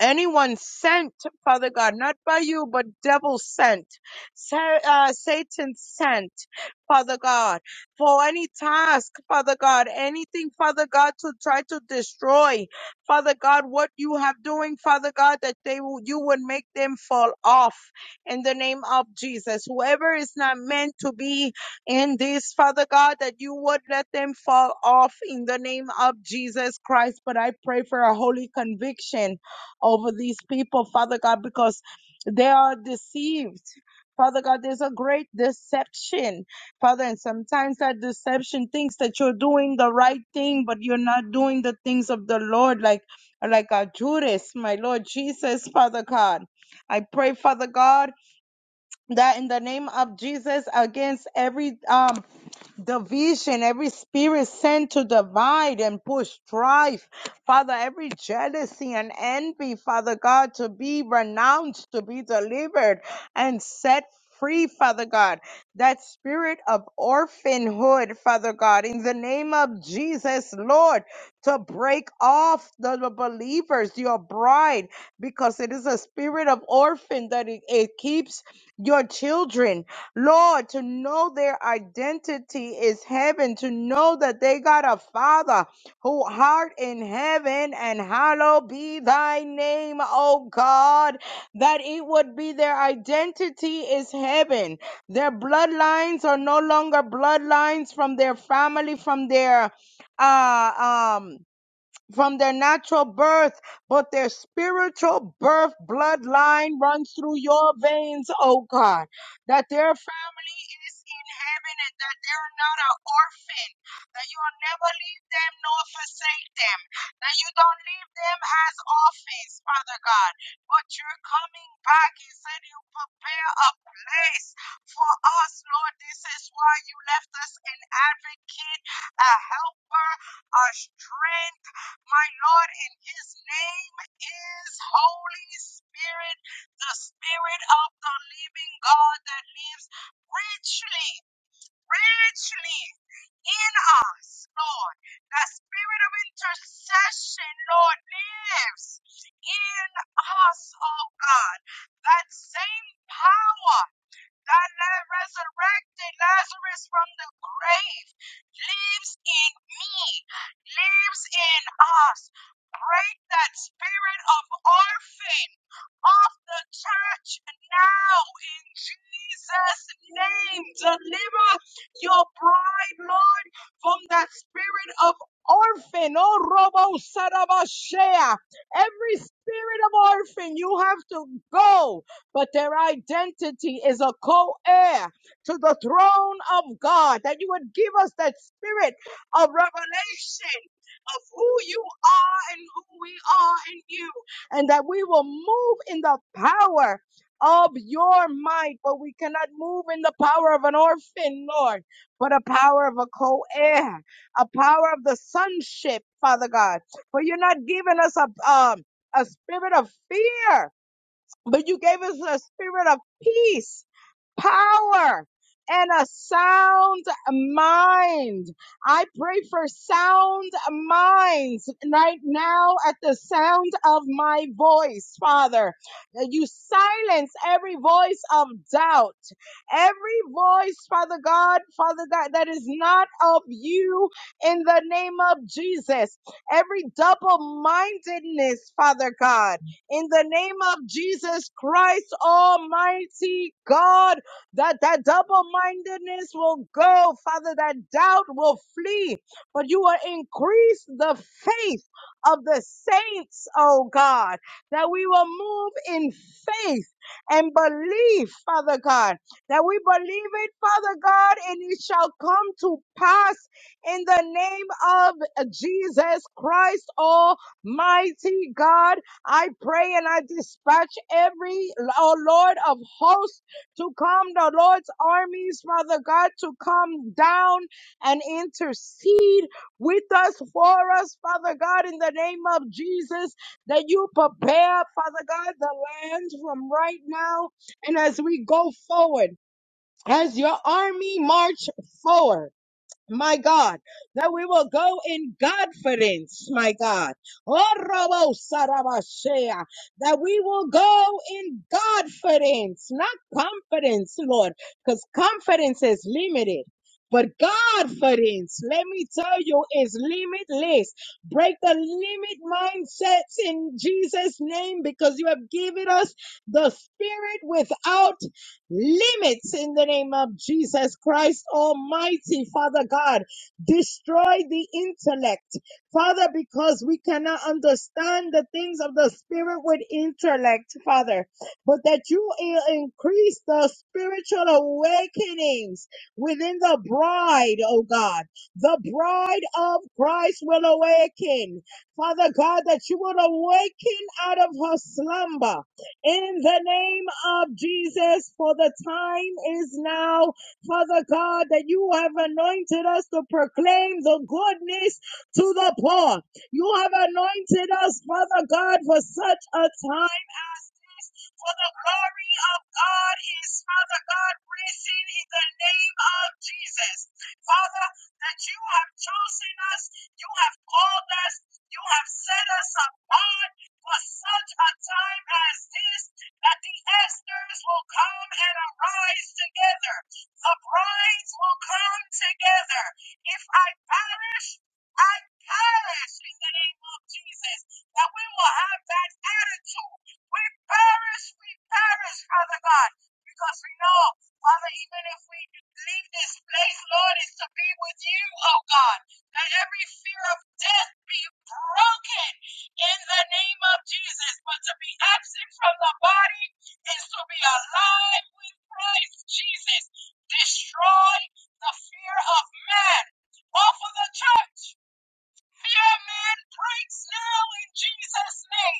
B: anyone sent, Father God, not by you, but devil sent, Sa- uh, Satan sent, Father God, for any task, Father God, anything, Father God, to try to destroy, Father God, what you have doing, Father God, that they will, you would make them fall off in the name of Jesus. Whoever is not meant to be in this, Father God, that you would let them fall off in the name of Jesus Christ. But I pray for a holy conviction over these people, Father God, because they are deceived. Father God, there's a great deception, Father, and sometimes that deception thinks that you're doing the right thing, but you're not doing the things of the Lord, like like a Judas, my Lord Jesus, Father God. I pray, Father God, that in the name of Jesus, against every um division, every spirit sent to divide and push strife, Father, every jealousy and envy, Father God, to be renounced, to be delivered and set free, Father God. That spirit of orphanhood, Father God, in the name of Jesus, Lord, to break off the the believers, your bride, because it is a spirit of orphan that it, it keeps your children Lord, to know their identity is heaven, to know that they got a Father who art in heaven, and hallowed be thy name, O God, that it would be their identity is heaven. Their bloodlines are no longer bloodlines from their family, from their uh um from their natural birth, but their spiritual birth bloodline runs through your veins, oh God, that their family is in heaven not an orphan, that you'll never leave them nor forsake them, that you don't leave them as orphans, Father God, but you're coming back. You said you prepare a place for us, Lord. This is why you left us an advocate, a helper, a strength, my Lord, and his name is Holy Spirit, the Spirit of the living God that lives richly, richly in us, Lord. That spirit of intercession, Lord, lives in us, oh God. That same power that la- resurrected Lazarus from the grave lives in me, lives in us. Break that spirit of orphan. Of the church now in Jesus' name. Deliver your bride, Lord, from that spirit of orphan. Oh, Robo Sarabashea. Every spirit of orphan, you have to go, but their identity is a co heir to the throne of God. That you would give us that spirit of revelation of who you are and who we are in you and that we will move in the power of your might, but we cannot move in the power of an orphan, Lord, but a power of a co-heir, a power of the sonship, Father God. For you're not giving us a um a spirit of fear, but you gave us a spirit of peace power and a sound mind. I pray for sound minds right now at the sound of my voice, Father. You silence every voice of doubt, every voice, Father God, Father God, that is not of you in the name of Jesus. Every double mindedness, Father God, in the name of Jesus Christ, Almighty God that that double mindedness will go, Father, that doubt will flee, but you will increase the faith of the saints, oh God, that we will move in faith and believe, Father God, that we believe it, Father God, and it shall come to pass in the name of Jesus Christ, Almighty God. I pray and I dispatch every, oh Lord of hosts to come, the Lord's armies, Father God, to come down and intercede with us, for us, Father God, in the name of Jesus, that you prepare, Father God, the land from right now and as we go forward, as your army march forward my God, that we will go in confidence, my God. Oh, Robo Sarabashea, that we will go in confidence, not confidence, Lord, because confidence is limited. But confidence, let me tell you, is limitless. Break the limit mindsets in Jesus' name because you have given us the spirit without Limits in the name of Jesus Christ Almighty, Father God. Destroy the intellect, Father, because we cannot understand the things of the Spirit with intellect, Father, but that you i- increase the spiritual awakenings within the bride, oh God. The bride of Christ will awaken. Father God, that you will awaken out of her slumber in the name of Jesus, for the time is now, Father God, that you have anointed us to proclaim the goodness to the poor. You have anointed us, Father God, for such a time as this, for the glory of God is, Father God, risen in the name of Jesus. Father, that you have chosen us, you have called us, you have set us apart for such a time as this that the Esters will come and arise together. The brides will come together. If I perish, I perish in the name of Jesus. That we will have that attitude. We perish, we perish, Father God. Because we know, Father, even if we leave this place, Lord, is to be with you, oh God. That every fear of death be broken in the name of Jesus. But to be absent from the body is to be alive with Christ Jesus. Destroy the fear of man. Off of the church, fear man breaks now in Jesus' name.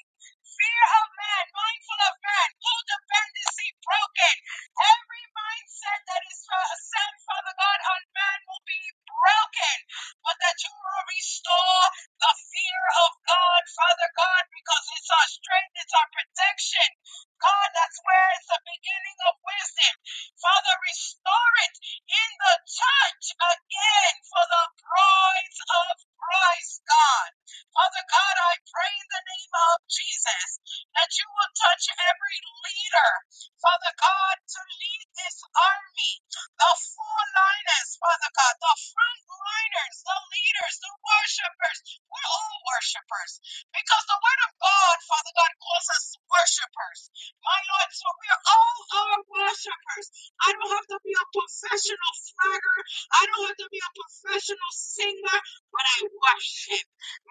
B: Fear of man, mindful of man, codependency broken. Every mindset that is uh, set, Father God, on man will be broken. But that you will restore the fear of God, Father God, because it's our strength, it's our protection. God, that's where it's the beginning of wisdom. Father, restore it in the church again for the brides of Christ, God. Father God, I pray in the name of Jesus that you will touch every leader, Father God, to lead this army, the foreliners, Father God, the frontliners, the leaders, the worshipers. We're all worshipers because the word of God, Father God, calls us worshipers. My Lord, so we are all our worshipers. I don't have to be a professional flagger. I don't have to be a professional singer, but I worship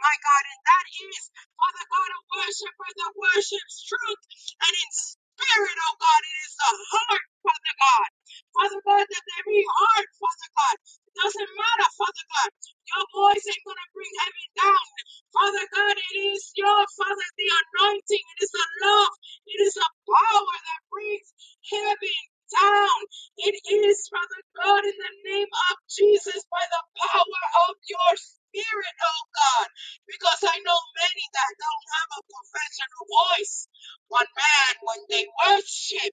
B: my God. And that is, Father God, a worshiper that worships truth and in spirit, oh God. It is the heart, Father God. Father God, that every heart, Father God, doesn't matter, Father God. Your voice ain't going to bring heaven down. Father God, it is your Father, the anointing. It is a love. It is a power that brings heaven down. It is, Father God, in the name of Jesus, by the power of your Spirit, oh God. Because I know many that don't have a professional voice. One man, when they worship.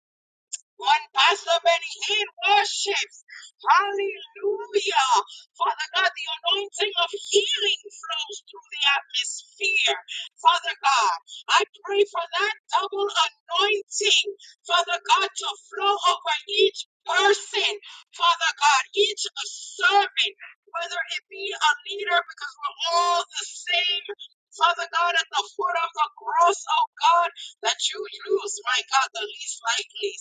B: One Pastor many Hinn worships. Hallelujah. Father God, the anointing of healing flows through the atmosphere. Father God, I pray for that double anointing. Father God, to flow over each person. Father God, each servant, whether it be a leader, because we're all the same. Father God, at the foot of the cross, oh God, that you use, my God, the least likely.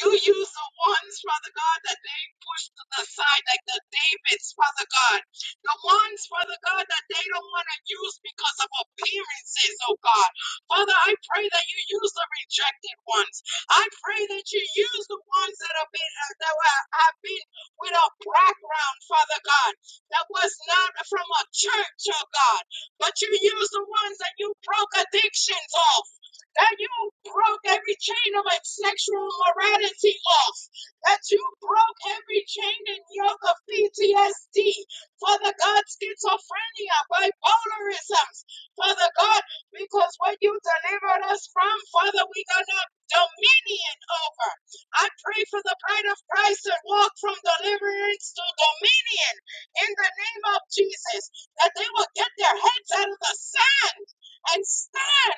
B: You use the ones, Father God, that they pushed to the side, like the Davids, Father God. The ones, Father God, that they don't want to use because of appearances, oh God. Father, I pray that you use the rejected ones. I pray that you use the ones that have been uh, that were- have been with a background, Father God, that was not from a church, oh God. But you use the ones that you broke addictions off that you broke every chain of like sexual morality off, that you broke every chain and yoke of PTSD, Father God, schizophrenia, bipolarisms, Father God, because what you delivered us from, Father, we got a dominion over. I pray for the bride of Christ that walk from deliverance to dominion in the name of Jesus, that they will get their heads out of the sand and stand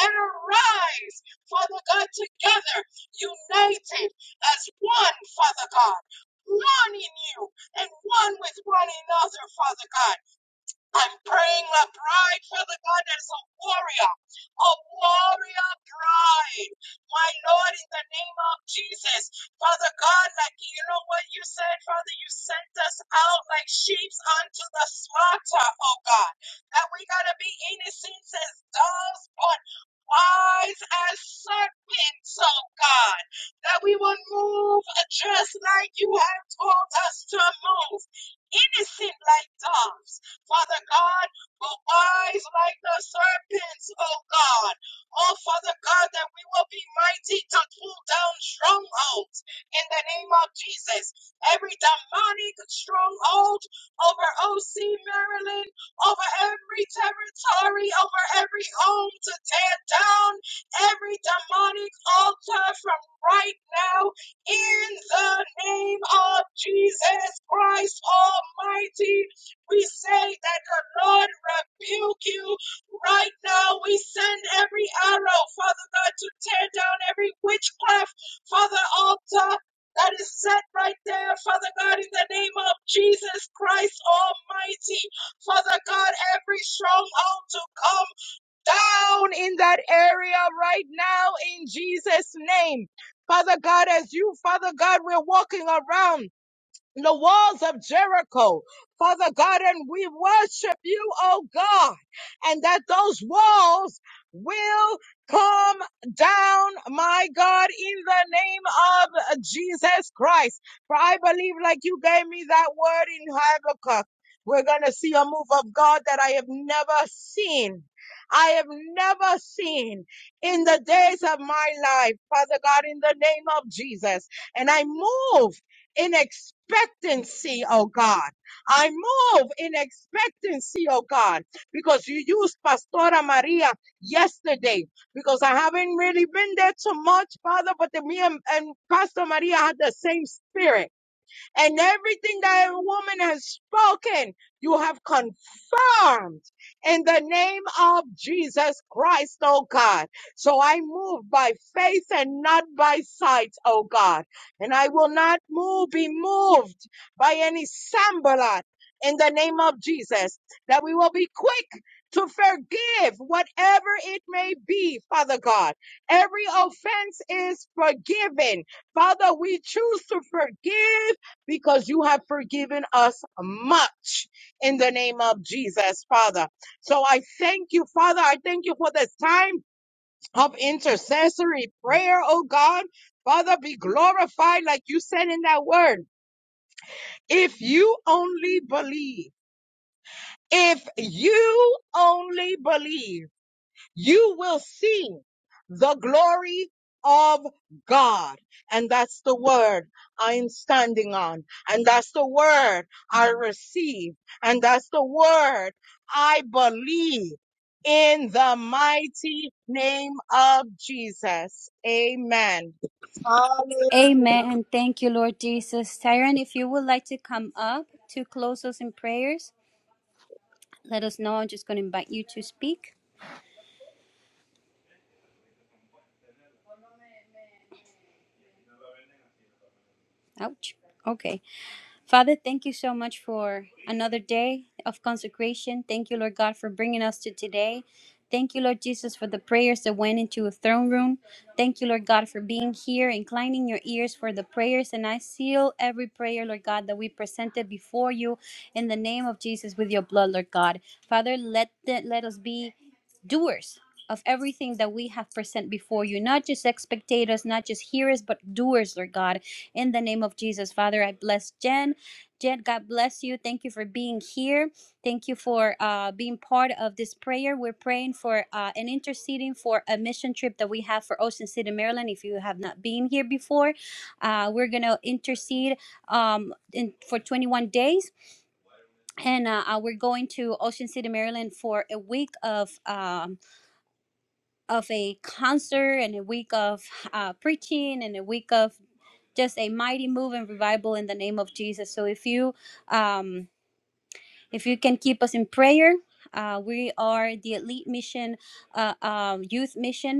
B: and arise, Father God, together, united as one, Father God, one in you and one with one another, Father God. I'm praying a bride, for the God, that is a warrior, a warrior bride. My Lord, in the name of Jesus, Father God, like you know what you said, Father, you sent us out like sheep unto the slaughter, oh God, that we gotta be innocent as doves, but wise as serpents, oh God, that we will move just like you have told us to move, innocent like doves Father God, but wise like the serpents, oh God. Oh, Father God, that we will be mighty to pull down strongholds in the name of Jesus. Every demonic stronghold over OC, Maryland, over every territory, over every home to tear down every demonic altar from right now in the name of Jesus Christ Almighty. We say that the Lord rebuke you right now. We send every arrow, Father God, to tear down every witchcraft, Father altar that is set right there, Father God, in the name of Jesus Christ Almighty. Father God, every stronghold to come down in that area right now in Jesus' name. Father God, as you, Father God, we're walking around in the walls of Jericho, Father God, and we worship you, oh God, and that those walls will come down, my God, in the name of Jesus Christ. For I believe, like you gave me that word in Habakkuk, we're going to see a move of God that I have never seen. I have never seen in the days of my life, Father God, in the name of Jesus. And I move in expectancy, oh God. I move in expectancy, oh God, because you used Pastora Maria yesterday, because I haven't really been there too much, Father, but the, me and, and Pastor Maria had the same spirit. And everything that a woman has spoken, you have confirmed confirmed in the name of Jesus Christ, oh God. So I move by faith and not by sight, oh God. And I will not move, be moved by any sambalat in the name of Jesus, that we will be quick to forgive whatever it may be, Father God. Every offense is forgiven. Father, we choose to forgive because you have forgiven us much in the name of Jesus, Father. So I thank you, Father. I thank you for this time of intercessory prayer, oh God. Father, be glorified like you said in that word. If you only believe, if you only believe. you will see the glory of God. And that's the word I am standing on. And that's the word I receive. And that's the word I believe in the mighty name of Jesus. Amen. Hallelujah.
A: Amen. Thank you, Lord Jesus. Tyron, if you would like to come up to close us in prayers, let us know. I'm just going to invite you to speak. Ouch. Okay. Father, thank you so much for another day of consecration. Thank you, Lord God, for bringing us to today. Thank you, Lord Jesus, for the prayers that went into a throne room. Thank you, Lord God, for being here, inclining your ears for the prayers. And I seal every prayer, Lord God, that we presented before you in the name of Jesus with your blood, Lord God. Father, let, the, let us be doers of everything that we have present before you, not just spectators, not just hearers, but doers, Lord God. In the name of Jesus, Father, I bless Jen. Jen, God bless you. Thank you for being here. Thank you for uh, being part of this prayer. We're praying for uh, and interceding for a mission trip that we have for Ocean City, Maryland. If you have not been here before, uh, we're going to intercede um, in, for 21 days. And uh, uh, we're going to Ocean City, Maryland for a week of. Um, of a concert and a week of uh, preaching and a week of just a mighty move and revival in the name of Jesus. So if you um, if you can keep us in prayer, uh, we are the elite mission, uh, um, youth mission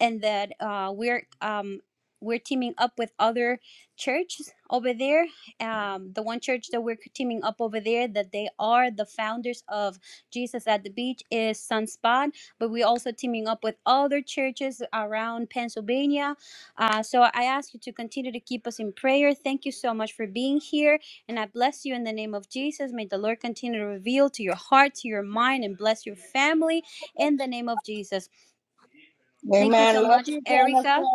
A: and that uh, we're um, we're teaming up with other churches over there. Um, the one church that we're teaming up over there that they are the founders of Jesus at the Beach is Sunspot, but we're also teaming up with other churches around Pennsylvania. Uh, so I ask you to continue to keep us in prayer. Thank you so much for being here, and I bless you in the name of Jesus. May the Lord continue to reveal to your heart, to your mind, and bless your family in the name of Jesus. Thank you so
B: Amen. Love
A: much,
B: you,
A: Erica.
B: Jennifer.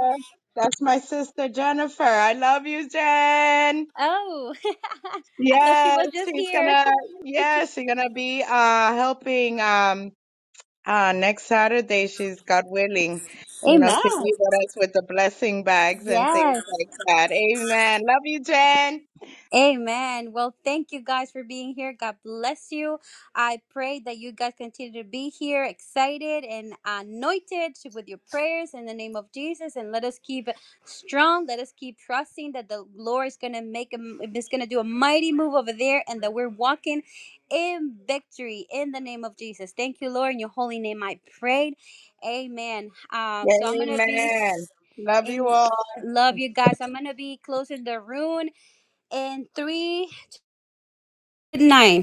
B: That's my sister, Jennifer. I love you, Jen.
A: Oh, *laughs* I thought she
B: Yes,
A: was just
B: she's
A: here.
B: gonna. Yes, she's gonna be uh helping um uh next Saturday. She's God willing, you know, she'll
A: Amen.
B: be with us with the blessing bags and things
A: Yes.
B: like that. Amen. Love you, Jen.
A: Amen. Well, thank you guys for being here. God bless you. I pray that you guys continue to be here, excited and anointed with your prayers in the name of Jesus. And let us keep strong. Let us keep trusting that the Lord is gonna make a, is gonna do a mighty move over there, and that we're walking in victory in the name of Jesus. Thank you, Lord. In your holy name, I prayed. Amen. Uh, so I'm gonna be
B: Amen. Love you
A: in.
B: all.
A: Love you guys. I'm gonna be closing the room in three, nine